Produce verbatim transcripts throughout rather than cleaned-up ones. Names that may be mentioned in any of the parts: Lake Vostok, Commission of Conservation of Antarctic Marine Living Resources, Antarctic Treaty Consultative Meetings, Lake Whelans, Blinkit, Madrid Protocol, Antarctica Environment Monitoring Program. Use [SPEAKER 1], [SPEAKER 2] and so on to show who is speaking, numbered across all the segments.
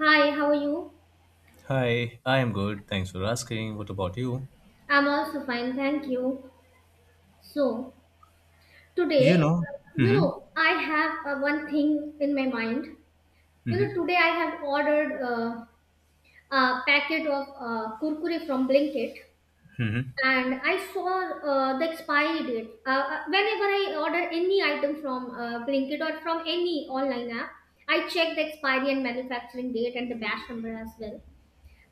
[SPEAKER 1] Hi, how are you?
[SPEAKER 2] Hi, I am good. Thanks for asking. What about you?
[SPEAKER 1] I'm also fine, thank you. So,
[SPEAKER 2] You
[SPEAKER 1] today,
[SPEAKER 2] know,
[SPEAKER 1] you
[SPEAKER 2] hmm.
[SPEAKER 1] know, I have uh, one thing in my mind. You
[SPEAKER 2] Hmm.
[SPEAKER 1] know, today I have ordered uh, a packet of uh, kurkure from Blinkit, and I saw uh, the expiry date. Uh, uh, whenever I order any item from uh, Blinkit or from any online app, I check the expiry and manufacturing date and the batch number as well.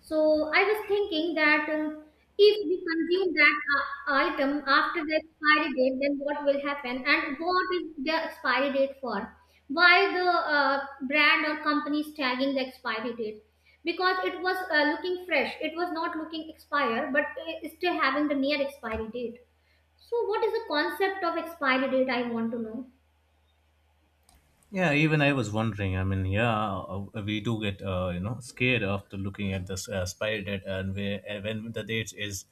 [SPEAKER 1] So I was thinking that uh, if we consume that uh, item after the expiry date, then what will happen? And what is the expiry date for? Why the uh, brand or company is tagging the expiry date? Because it was uh, looking fresh, it was not looking expired, but uh, still having the near expiry date. So what is the concept of expiry date? I want to know.
[SPEAKER 2] Yeah, even I was wondering. I mean, yeah, uh, we do get uh, you know scared after looking at this uh, spiral data, and we, uh, when the date is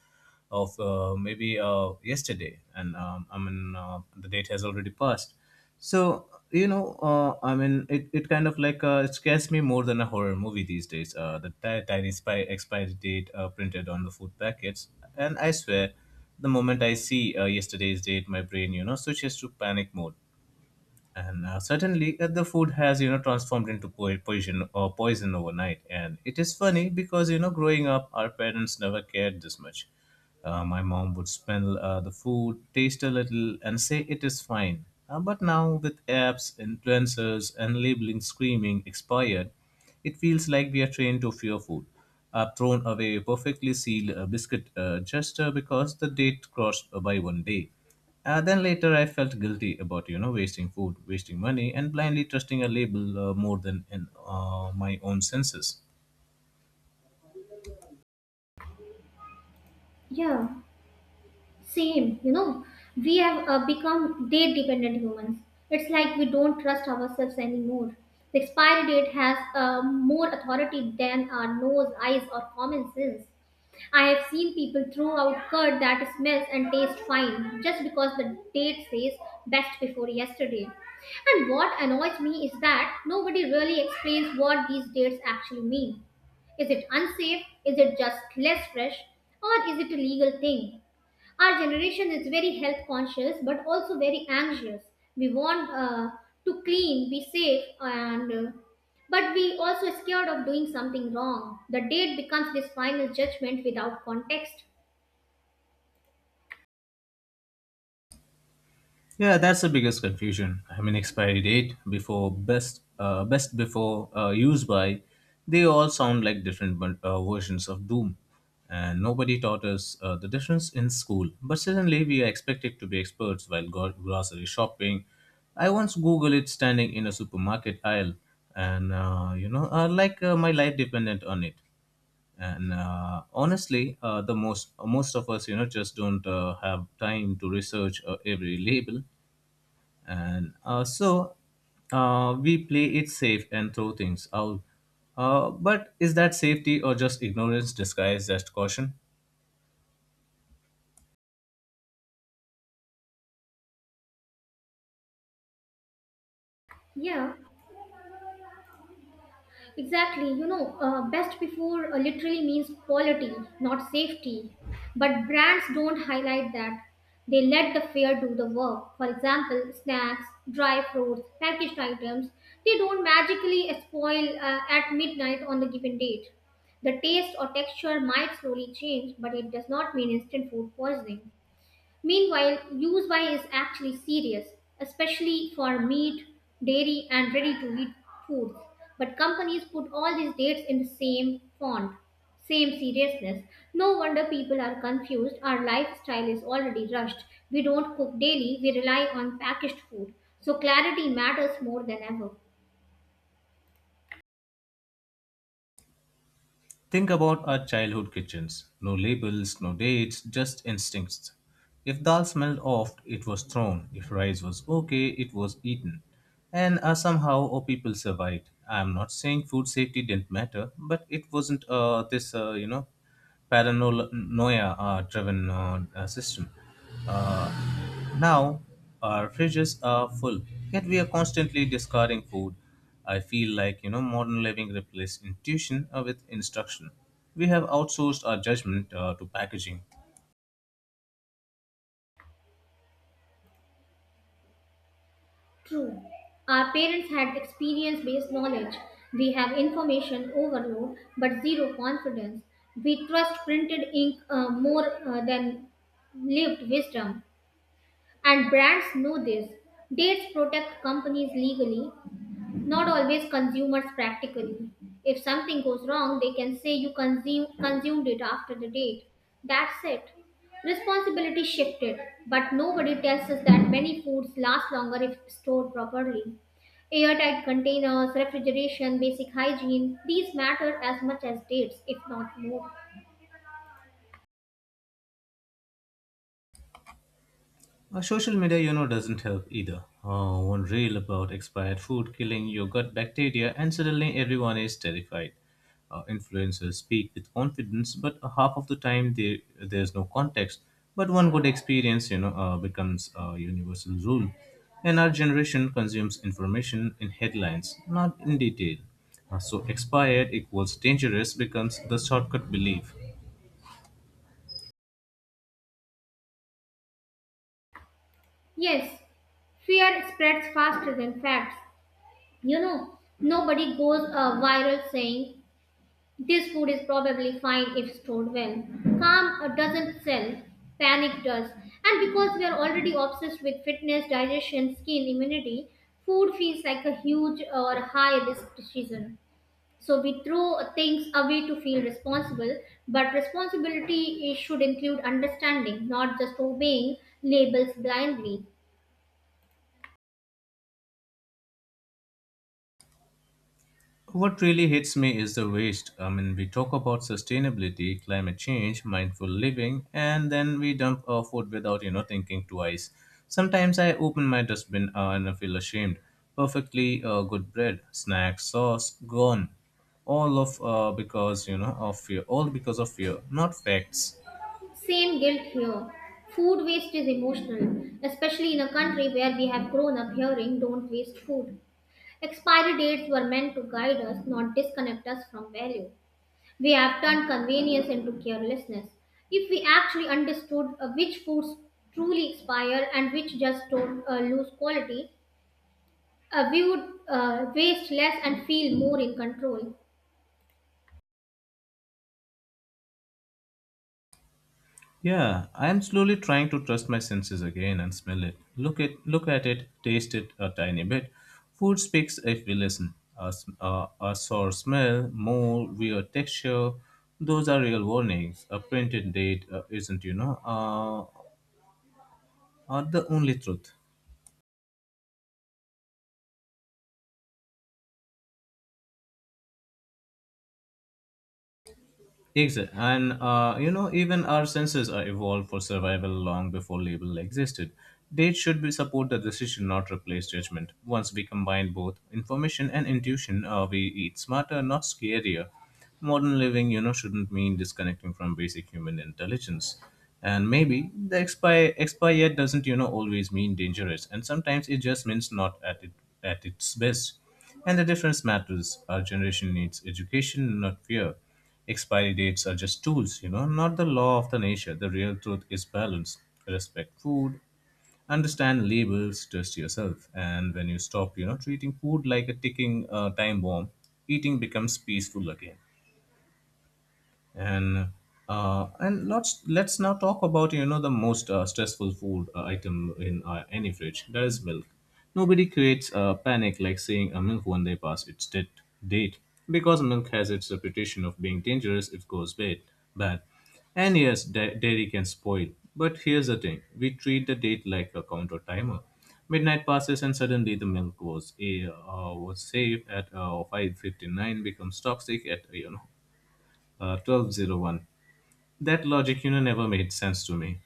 [SPEAKER 2] of uh, maybe uh, yesterday, and um, I mean uh, the date has already passed. So you know, uh, I mean, it, it kind of like uh, it scares me more than a horror movie these days. Uh, the ti- tiny spy expiry date uh, printed on the food packets, and I swear, the moment I see uh, yesterday's date, my brain you know switches to panic mode, and uh, certainly uh, the food has you know transformed into po- poison or poison overnight. And it is funny because you know growing up, our parents never cared this much uh, my mom would smell uh, the food, taste a little, and say it is fine. Uh, but now with apps, influencers, and labeling screaming expired, it feels like we are trained to fear food. I've thrown away a perfectly sealed uh, biscuit uh, just uh, because the date crossed by one day. Uh, then later, I felt guilty about you know wasting food, wasting money, and blindly trusting a label uh, more than in uh, my own senses.
[SPEAKER 1] Yeah. Same, you know, we have uh, become date dependent humans. It's like we don't trust ourselves anymore. The expiry date has uh, more authority than our nose, eyes, or common sense. I have seen people throw out curd that smells and tastes fine just because the date says best before yesterday. And what annoys me is that nobody really explains what these dates actually mean. Is it unsafe? Is it just less fresh? Or is it a legal thing? Our generation is very health conscious but also very anxious. We want uh, to clean, be safe, and uh, but we also scared of doing something wrong. The date becomes this final judgment without context.
[SPEAKER 2] Yeah, that's the biggest confusion. I mean, expiry date, before best uh, best before, uh, use by, they all sound like different bun- uh, versions of Doom, and nobody taught us uh, the difference in school. But suddenly, we are expected to be experts while go- grocery shopping. I once Googled it standing in a supermarket aisle, and uh, you know, uh, like uh, my life depended on it. And uh, honestly, uh, the most most of us, you know, just don't uh, have time to research uh, every label, and uh, so uh, we play it safe and throw things out. Uh, but is that safety or just ignorance disguised as caution?
[SPEAKER 1] Yeah. Exactly, you know, uh, best before uh, literally means quality, not safety. But brands don't highlight that. They let the fair do the work. For example, snacks, dry fruits, packaged items, they don't magically spoil uh, at midnight on the given date. The taste or texture might slowly change, but it does not mean instant food poisoning. Meanwhile, use by is actually serious, especially for meat, dairy, and ready to eat foods. But companies put all these dates in the same font, same seriousness. No wonder people are confused. Our lifestyle is already rushed. We don't cook daily, we rely on packaged food. So clarity matters more than ever.
[SPEAKER 2] Think about our childhood kitchens. No labels, no dates, just instincts. If dal smelled off, it was thrown. If rice was okay, it was eaten. And uh, somehow our people survived. I'm not saying food safety didn't matter, but it wasn't uh, this, uh, you know, paranoia uh, driven uh, uh, system. Uh, Now, our fridges are full, yet we are constantly discarding food. I feel like, you know, modern living replaced intuition uh, with instruction. We have outsourced our judgment uh, to packaging.
[SPEAKER 1] True. Our parents had experience based knowledge. We have information overload but zero confidence. We trust printed ink uh, more uh, than lived wisdom. And brands know this. Dates protect companies legally, not always consumers practically. If something goes wrong, they can say you consume, consumed it after the date. That's it. Responsibility shifted, but nobody tells us that many foods last longer if stored properly. Airtight containers, refrigeration, basic hygiene, these matter as much as dates, if not more.
[SPEAKER 2] Uh, social media, you know, doesn't help either. Uh, one reel about expired food killing your gut bacteria, and suddenly everyone is terrified. Uh, influencers speak with confidence, but half of the time they, there's no context. But one good experience, you know, uh, becomes a universal rule. And our generation consumes information in headlines, not in detail. Uh, so expired equals dangerous becomes the shortcut belief.
[SPEAKER 1] Yes, fear spreads faster than facts. You know, nobody goes uh, viral saying, "This food is probably fine if stored well." Calm uh, doesn't sell, panic does. And because we are already obsessed with fitness, digestion, skin, immunity, food feels like a huge or high risk decision. So we throw things away to feel responsible, but responsibility is- should include understanding, not just obeying labels blindly.
[SPEAKER 2] What really hits me is the waste. I mean, we talk about sustainability, climate change, mindful living, and then we dump our food without, you know, thinking twice. Sometimes I open my dustbin uh, and I feel ashamed. Perfectly uh, good bread, snack, sauce, gone. All of uh, because you know of fear. All because of fear, not facts.
[SPEAKER 1] Same guilt here. Food waste is emotional, especially in a country where we have grown up hearing don't waste food. Expiry dates were meant to guide us, not disconnect us from value. We have turned convenience into carelessness. If we actually understood uh, which foods truly expire and which just don't uh, lose quality, uh, we would uh, waste less and feel more in control.
[SPEAKER 2] Yeah, I am slowly trying to trust my senses again and smell it. Look at look at it, taste it a tiny bit. Food speaks if we listen. A, s- a- a sour smell, more weird texture. Those are real warnings. A printed date uh, isn't, you know, uh, are the only truth. Exactly. And, uh, you know, even our senses are evolved for survival long before label existed. Dates should be support the decision, not replace judgment. Once we combine both information and intuition, uh, we eat smarter, not scarier. Modern living, you know, shouldn't mean disconnecting from basic human intelligence. And maybe the expire expire yet doesn't, you know, always mean dangerous. And sometimes it just means not at it at its best. And the difference matters. Our generation needs education, not fear. Expiry dates are just tools, you know, not the law of the nature. The real truth is balance. Respect food, understand labels, trust yourself. And when you stop, you know, treating food like a ticking uh, time bomb, eating becomes peaceful again, and uh, and let's let's now talk about you know the most uh, stressful food uh, item in uh, any fridge. That is milk. Nobody creates a panic like saying a milk one day past its dead date, because milk has its reputation of being dangerous if goes bad. Bad, and yes, da- dairy can spoil. But here's the thing: we treat the date like a counter timer. Midnight passes and suddenly the milk was a uh, was safe at uh, five fifty-nine becomes toxic at you know uh, twelve oh one. That logic, you know, never made sense to me.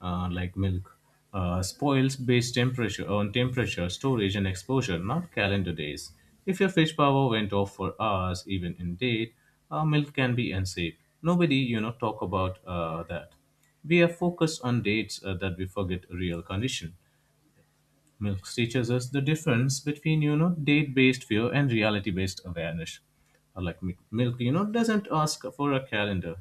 [SPEAKER 2] Uh, like milk uh, spoils based temperature on temperature, storage, and exposure, not calendar days. If your fridge power went off for hours, even in date, uh, milk can be unsafe. Nobody, you know, talk about uh, that. We are focused on dates uh, that we forget real condition. Milk teaches us the difference between, you know, date-based fear and reality-based awareness. Uh, Like mi- milk, you know, doesn't ask for a calendar.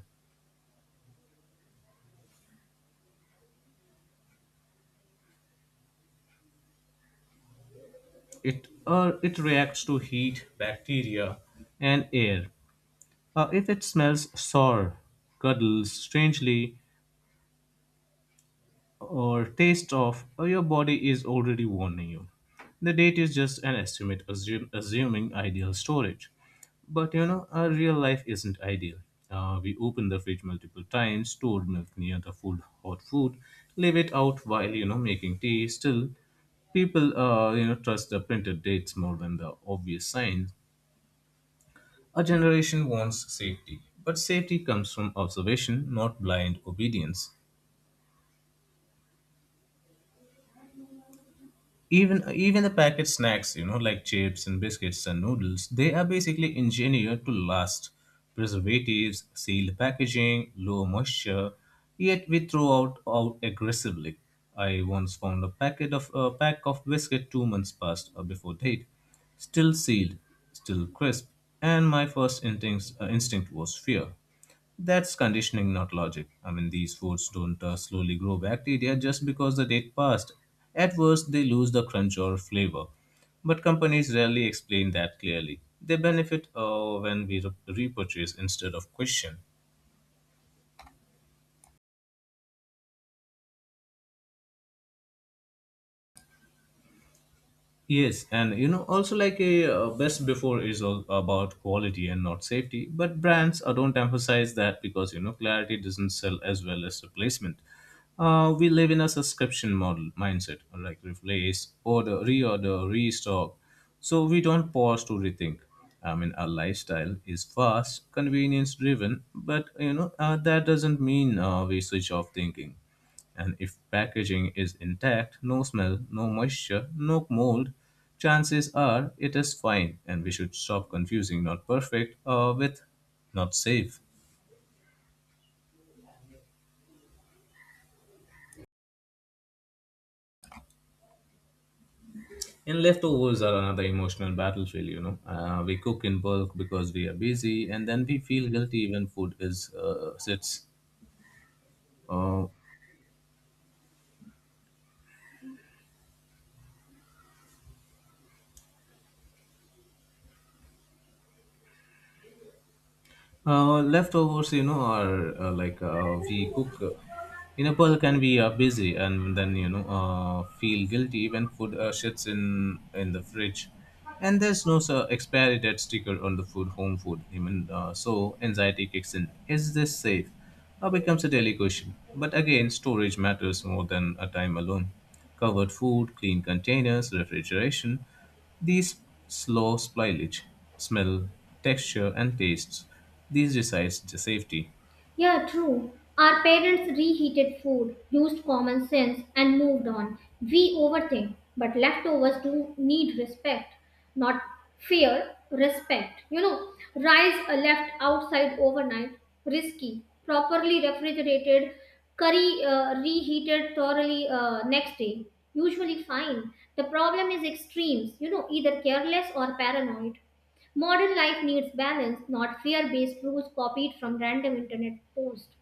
[SPEAKER 2] It uh, it reacts to heat, bacteria, and air. Uh, if it smells sour, cuddles strangely, or tastes off, uh, your body is already warning you. The date is just an estimate, assume, assuming ideal storage. But you know, our real life isn't ideal. Uh, we open the fridge multiple times, store milk near the food, hot food, leave it out while you know making tea. Still, people uh, you know trust the printed dates more than the obvious signs. Our generation wants safety, but safety comes from observation, not blind obedience. Even even the packet snacks, you know, like chips and biscuits and noodles, they are basically engineered to last. Preservatives, sealed packaging, low moisture, yet we throw out out aggressively. I once found a packet of a pack of biscuit two months past uh, before date, still sealed, still crisp, and my first instinct, uh, instinct was fear. That's conditioning, not logic. I mean, these foods don't uh, slowly grow bacteria just because the date passed. At worst, they lose the crunch or flavor. But companies rarely explain that clearly. They benefit uh, when we re- repurchase instead of question. Yes, and you know, also like a uh, best before is all about quality and not safety, but brands uh, don't emphasize that because you know, clarity doesn't sell as well as replacement. Uh, we live in a subscription model mindset, like replace, order, reorder, restock. So we don't pause to rethink. I mean, our lifestyle is fast, convenience driven, but you know, uh, that doesn't mean uh, we switch off thinking. And if packaging is intact, no smell, no moisture, no mold, chances are it is fine. And we should stop confusing not perfect uh, with not safe. And leftovers are another emotional battlefield, you know. Uh, we cook in bulk because we are busy, and then we feel guilty when food is uh, sits uh, Uh, leftovers, you know, are uh, like uh, we cook. Uh, in a Nepal can be uh, busy, and then you know uh, feel guilty when food uh, sits in in the fridge, and there's no uh, expiry date sticker on the food home food. Even uh, so, anxiety kicks in. Is this safe? Uh, becomes a daily question. But again, storage matters more than a time alone. Covered food, clean containers, refrigeration. These slow spoilage, smell, texture, and tastes. These decides the safety.
[SPEAKER 1] Yeah, true. Our parents reheated food, used common sense, and moved on. We overthink, but leftovers do need respect, not fear, respect. You know, rice uh, left outside overnight, risky. Properly refrigerated, curry uh, reheated thoroughly uh, next day, usually fine. The problem is extremes, you know, either careless or paranoid. Modern life needs balance, not fear based rules copied from random internet posts.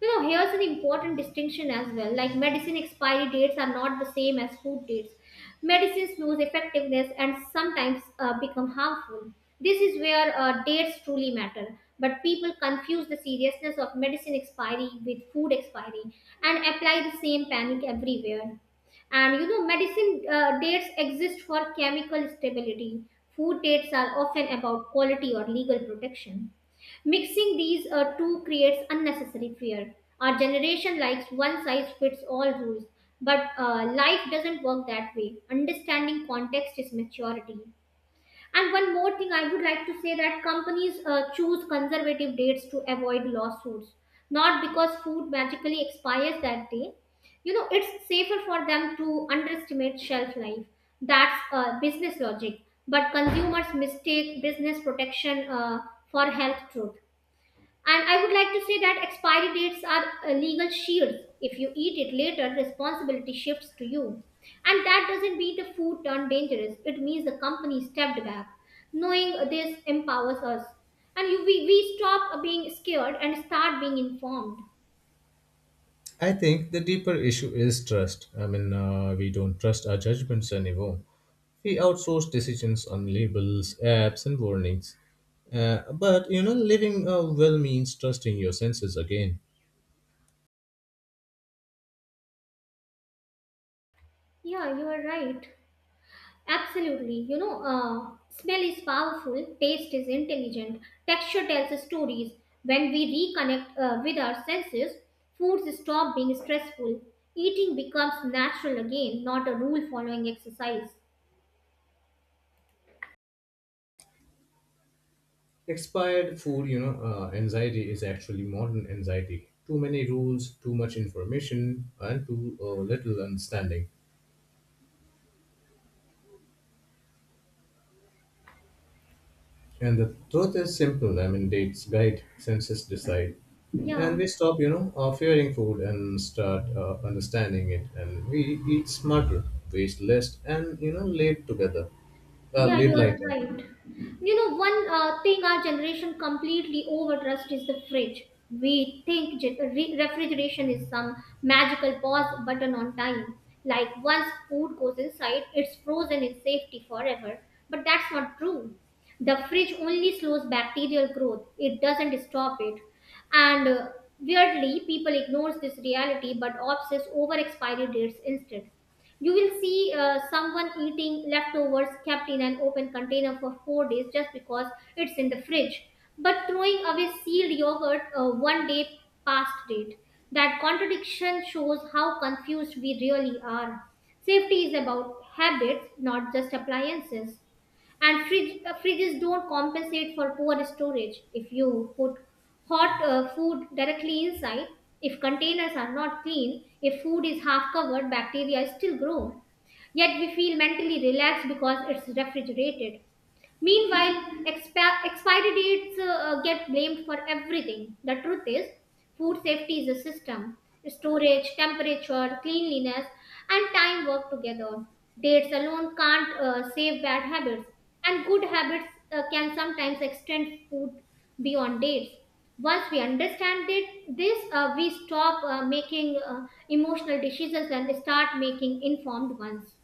[SPEAKER 1] You know, here's an important distinction as well. Like medicine expiry dates are not the same as food dates. Medicines lose effectiveness and sometimes uh, become harmful. This is where uh, dates truly matter. But people confuse the seriousness of medicine expiry with food expiry and apply the same panic everywhere. And you know, medicine uh, dates exist for chemical stability. Food dates are often about quality or legal protection. Mixing these uh, two creates unnecessary fear. Our generation likes one size fits all rules, but uh, life doesn't work that way. Understanding context is maturity. And one more thing I would like to say that companies uh, choose conservative dates to avoid lawsuits, not because food magically expires that day. You know, it's safer for them to underestimate shelf life. That's uh, business logic. But consumers mistake business protection uh, for health truth, and I would like to say that expiry dates are uh, legal shields. If you eat it later, responsibility shifts to you. And that doesn't mean the food turned dangerous, it means the company stepped back. Knowing this empowers us. And you, we, we stop being scared and start being informed.
[SPEAKER 2] I think the deeper issue is trust. I mean, uh, we don't trust our judgments anymore. We outsource decisions on labels, apps, and warnings. Uh, but you know, living uh, well means trusting your senses again.
[SPEAKER 1] Yeah, you are right. Absolutely. You know, uh, smell is powerful, taste is intelligent, texture tells us stories. When we reconnect uh, with our senses, foods stop being stressful. Eating becomes natural again, not a rule following exercise.
[SPEAKER 2] Expired food, you know, uh, anxiety is actually modern anxiety. Too many rules, too much information, and too uh, little understanding. And the truth is simple. I mean, dates guide, senses decide.
[SPEAKER 1] Yeah.
[SPEAKER 2] And we stop, you know, uh, fearing food and start uh, understanding it. And we eat smarter, waste less, and, you know, live together, uh,
[SPEAKER 1] Yeah, you
[SPEAKER 2] lead
[SPEAKER 1] are
[SPEAKER 2] lighter.
[SPEAKER 1] right. You know, one uh, thing our generation completely overtrust is the fridge. We think ge- re- refrigeration is some magical pause button on time. Like once food goes inside, it's frozen in safety forever. But that's not true. The fridge only slows bacterial growth, it doesn't stop it. And uh, weirdly, people ignores this reality but obsess over expiry dates instead. You will see uh, someone eating leftovers kept in an open container for four days just because it's in the fridge, but throwing away sealed yogurt uh, one day past date. That contradiction shows how confused we really are. Safety is about habits, not just appliances, and fridge, uh, fridges don't compensate for poor storage. If you put hot uh, food directly inside, if containers are not clean, if food is half covered, bacteria still grow, yet we feel mentally relaxed because it's refrigerated. Meanwhile, expi- expiry dates uh, uh, get blamed for everything. The truth is, food safety is a system. Storage, temperature, cleanliness, and time work together. Dates alone can't uh, save bad habits, and good habits uh, can sometimes extend food beyond dates. Once we understand it, this, uh, we stop uh, making uh, emotional decisions and start making informed ones.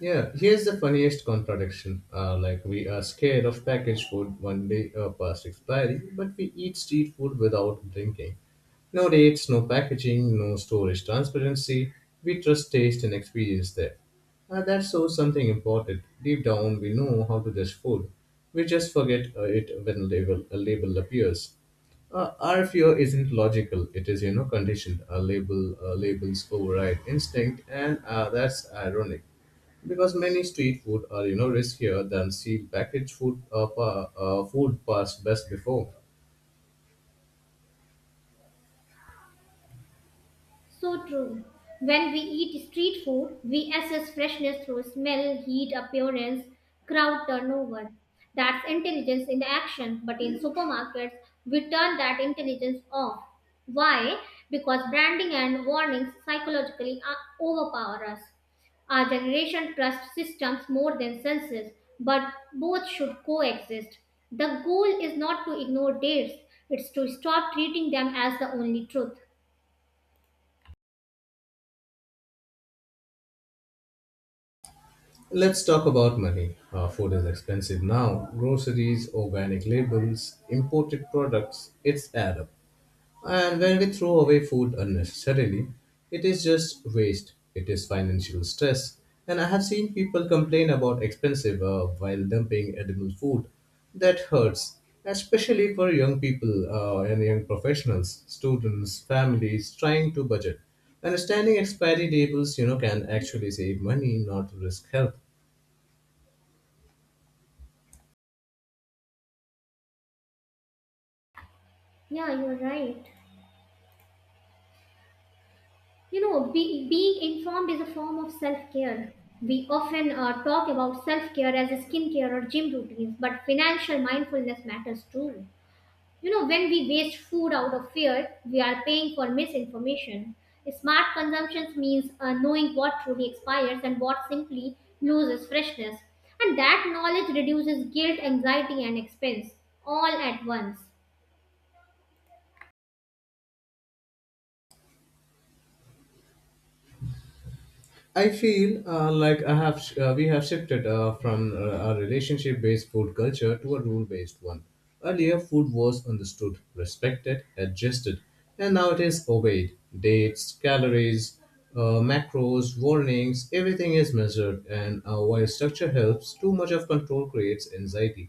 [SPEAKER 2] Yeah, here's the funniest contradiction. Uh, like, we are scared of packaged food one day uh, past expiry, but we eat street food without blinking. No dates, no packaging, no storage transparency. We trust taste and experience there. Uh, that shows something important. Deep down, we know how to judge food. We just forget uh, it when label, a label appears. Uh, our fear isn't logical. It is, you know, conditioned. A label, uh, labels override instinct, and uh, that's ironic because many street food are you know riskier than sealed packaged food uh, pa- uh, food past best before.
[SPEAKER 1] So true. When we eat street food, we assess freshness through smell, heat, appearance, crowd turnover. That's intelligence in action, but in supermarkets, we turn that intelligence off. Why? Because branding and warnings psychologically uh, overpower us. Our generation trusts systems more than senses, but both should coexist. The goal is not to ignore dates, it's to stop treating them as the only truth.
[SPEAKER 2] Let's talk about money. Uh, food is expensive now. Groceries, organic labels, imported products, it's add up. And when we throw away food unnecessarily, it is just waste, it is financial stress. And I have seen people complain about expensive uh, while dumping edible food. That hurts, especially for young people uh, and young professionals, students, families trying to budget. Understanding expiry tables, you know, can actually save money, not risk health.
[SPEAKER 1] Yeah, you're right. You know, be, being informed is a form of self care. We often uh, talk about self care as a skincare or gym routines, but financial mindfulness matters too. You know, when we waste food out of fear, we are paying for misinformation. Smart consumption means uh, knowing what truly expires and what simply loses freshness. And that knowledge reduces guilt, anxiety, and expense all at once.
[SPEAKER 2] I feel uh, like I have sh- uh, we have shifted uh, from uh, a relationship-based food culture to a rule-based one. Earlier, food was understood, respected, adjusted, and now it is obeyed. Dates, calories, uh, macros, warnings, everything is measured. And uh, while structure helps, too much of control creates anxiety.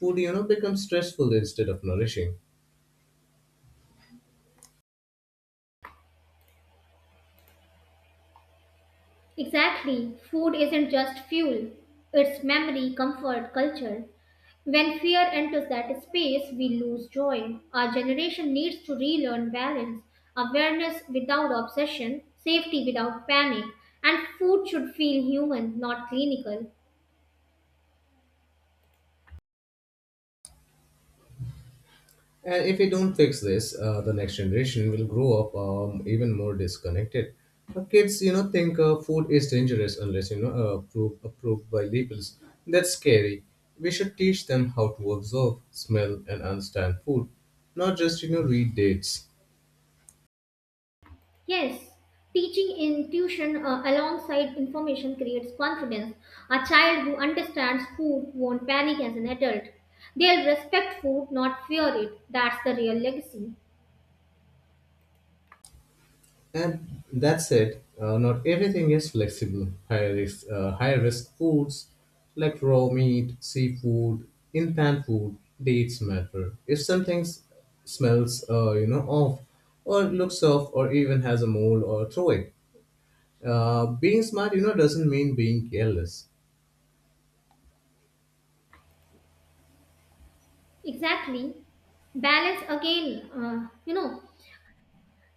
[SPEAKER 2] Food, you know, becomes stressful instead of nourishing.
[SPEAKER 1] Exactly. Food isn't just fuel, it's memory, comfort, culture. When fear enters that space, we lose joy. Our generation needs to relearn balance, awareness without obsession, safety without panic, and food should feel human, not clinical.
[SPEAKER 2] And if we don't fix this, uh, the next generation will grow up um, even more disconnected. Uh, kids, you know, think uh, food is dangerous unless you know uh, approved approved by labels. That's scary. We should teach them how to observe, smell, and understand food, not just you know read dates.
[SPEAKER 1] Yes, teaching intuition uh, alongside information creates confidence. A child who understands food won't panic as an adult. They'll respect food, not fear it. That's the real legacy.
[SPEAKER 2] And that said, uh, not everything is flexible. Higher risk, uh, higher risk foods like raw meat, seafood, in-pan food, dates matter. If something s- smells, uh, you know, off, or looks off, or even has a mold, or throw it. Uh, being smart, you know, doesn't mean being careless.
[SPEAKER 1] Exactly. Balance again. Uh, you know,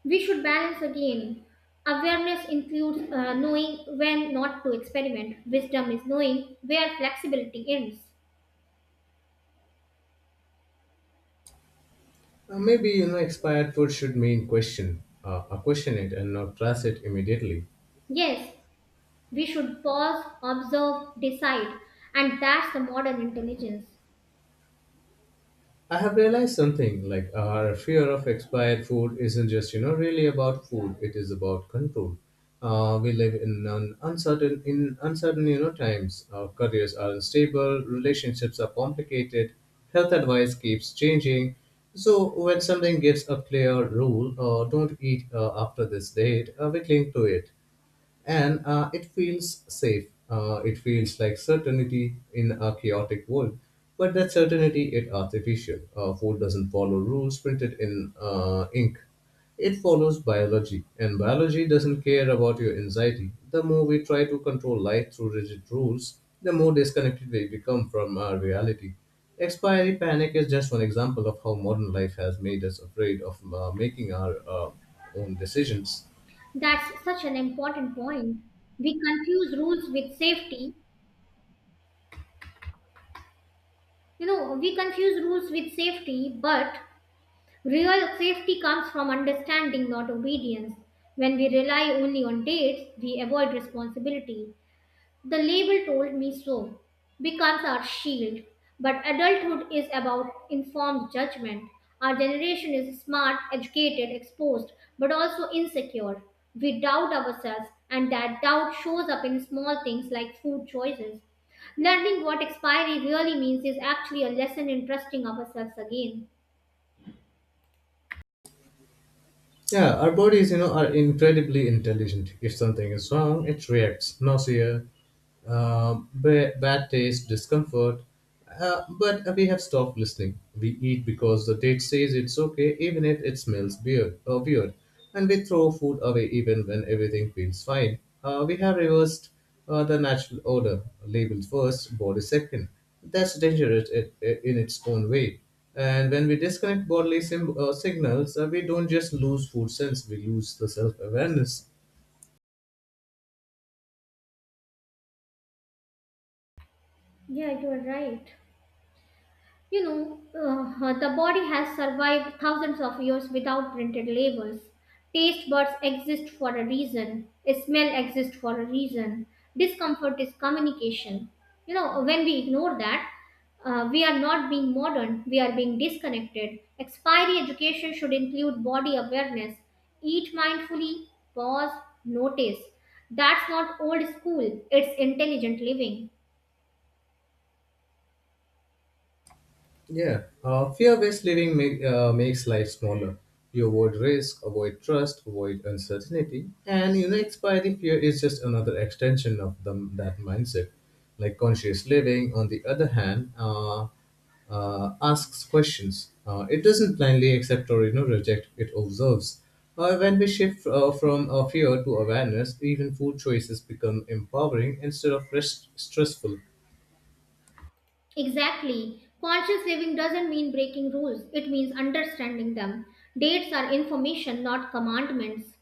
[SPEAKER 1] we should balance again. Awareness includes uh, knowing when not to experiment. Wisdom is knowing where flexibility ends.
[SPEAKER 2] Uh, maybe, you know, expired food should mean question, uh, uh, question it, and not trash it immediately.
[SPEAKER 1] Yes, we should pause, observe, decide. And that's the modern intelligence.
[SPEAKER 2] I have realized something like our fear of expired food isn't just, you know, really about food. It is about control. Uh, we live in an uncertain, in uncertain, you know, times. Our careers are unstable, relationships are complicated, health advice keeps changing. So when something gives a clear rule, uh, don't eat uh, after this date, uh, we cling to it and uh, it feels safe. Uh, it feels like certainty in a chaotic world, but that certainty is artificial. Uh, food doesn't follow rules printed in uh, ink. It follows biology, and biology doesn't care about your anxiety. The more we try to control life through rigid rules, the more disconnected we become from our reality. Expiry panic is just one example of how modern life has made us afraid of uh, making our uh, own decisions.
[SPEAKER 1] That's such an important point. We confuse rules with safety. You know, we confuse rules with safety, but real safety comes from understanding, not obedience. When we rely only on dates, we avoid responsibility. The label told me so becomes our shield. But adulthood is about informed judgment. Our generation is smart, educated, exposed, but also insecure. We doubt ourselves, and that doubt shows up in small things like food choices. Learning what expiry really means is actually a lesson in trusting ourselves again.
[SPEAKER 2] Yeah, our bodies, you know, are incredibly intelligent. If something is wrong, it reacts. Nausea, um, ba- bad taste, discomfort. Uh, but we have stopped listening. We eat because the date says it's okay, even if it smells weird. Or weird. And we throw food away even when everything feels fine. Uh, we have reversed uh, the natural order. Labels first, body second. That's dangerous i- i- in its own way. And when we disconnect bodily sim- uh, signals, uh, we don't just lose food sense, we lose the self awareness.
[SPEAKER 1] Yeah, you are right. You know, uh, the body has survived thousands of years without printed labels. Taste buds exist for a reason. Smell exists for a reason. Discomfort is communication. You know, when we ignore that, uh, we are not being modern, we are being disconnected. Expiry education should include body awareness. Eat mindfully, pause, notice. That's not old school, it's intelligent living.
[SPEAKER 2] Yeah, uh, fear-based living make, uh, makes life smaller. You avoid risk, avoid trust, avoid uncertainty, and, you know, expiry fear is just another extension of the, that mindset. Like conscious living, on the other hand, uh, uh, asks questions. Uh, it doesn't blindly accept or, you know, reject. It observes. Uh, when we shift uh, from uh, fear to awareness, even food choices become empowering instead of rest- stressful.
[SPEAKER 1] Exactly. Conscious living doesn't mean breaking rules, it means understanding them. Dates are information, not commandments.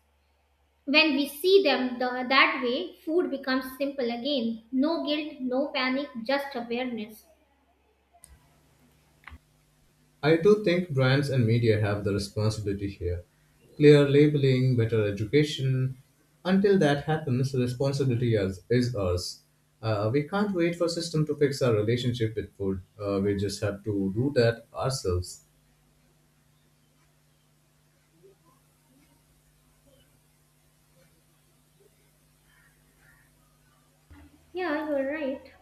[SPEAKER 1] When we see them the, that way, food becomes simple again. No guilt, no panic, just awareness.
[SPEAKER 2] I do think brands and media have the responsibility here. Clear labeling, better education. Until that happens, responsibility is, is ours. Uh, we can't wait for system to fix our relationship with food. Uh, we just have to do that ourselves.
[SPEAKER 1] Yeah, you're right.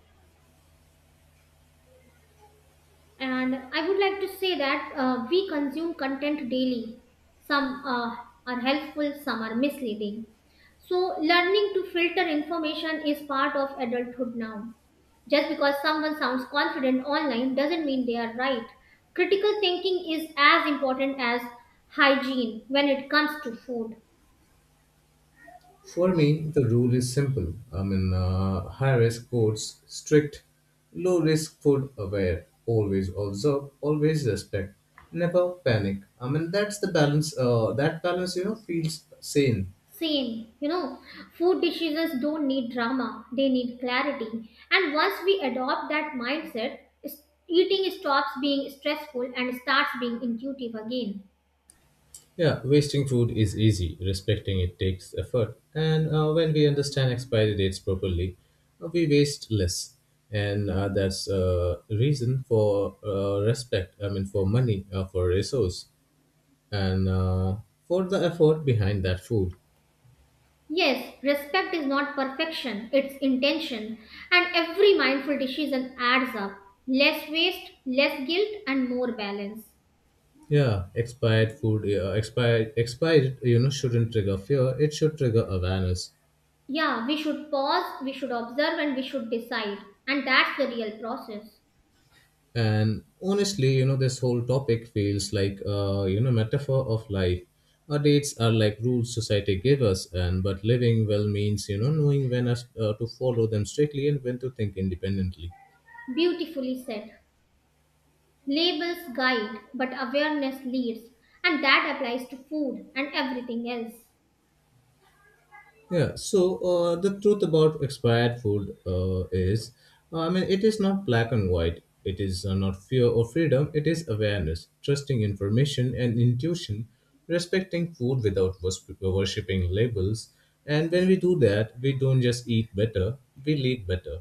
[SPEAKER 1] And I would like to say that uh, we consume content daily. Some uh, are helpful, some are misleading. So, learning to filter information is part of adulthood now. Just because someone sounds confident online doesn't mean they are right. Critical thinking is as important as hygiene when it comes to food.
[SPEAKER 2] For me, the rule is simple. I mean, uh, high risk codes, strict, low risk food aware, always observe, always respect, never panic. I mean, that's the balance. Uh, that balance, you know, feels sane.
[SPEAKER 1] Same, you know, food decisions don't need drama, they need clarity. And once we adopt that mindset, is- eating stops being stressful and starts being intuitive again.
[SPEAKER 2] Yeah, wasting food is easy, respecting it takes effort. And uh, when we understand expiry dates properly, uh, we waste less. And uh, that's a reason for uh, respect, I mean, for money, uh, for resource, and uh, for the effort behind that food.
[SPEAKER 1] Yes, respect is not perfection, it's intention. And every mindful decision adds up less waste, less guilt, and more balance.
[SPEAKER 2] Yeah, expired food, uh, expired, expired, you know, shouldn't trigger fear. It should trigger awareness.
[SPEAKER 1] Yeah, we should pause, we should observe, and we should decide. And that's the real process.
[SPEAKER 2] And honestly, you know, this whole topic feels like a, you know, metaphor of life. Our dates are like rules society gave us, and but living well means, you know, knowing when us, uh, to follow them strictly and when to think independently.
[SPEAKER 1] Beautifully said. Labels guide, but awareness leads, and that applies to food and everything else.
[SPEAKER 2] Yeah, so uh, the truth about expired food uh, is, uh, I mean, it is not black and white. It is uh, not fear or freedom. It is awareness, trusting information and intuition, respecting food without wors- worshipping labels. And when we do that, we don't just eat better, we lead better.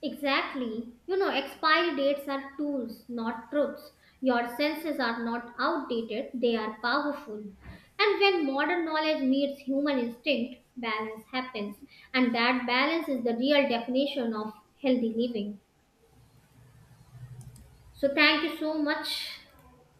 [SPEAKER 1] Exactly. You know, expiry dates are tools, not truths. Your senses are not outdated, they are powerful. And when modern knowledge meets human instinct, balance happens. And that balance is the real definition of healthy living. So, thank you so much.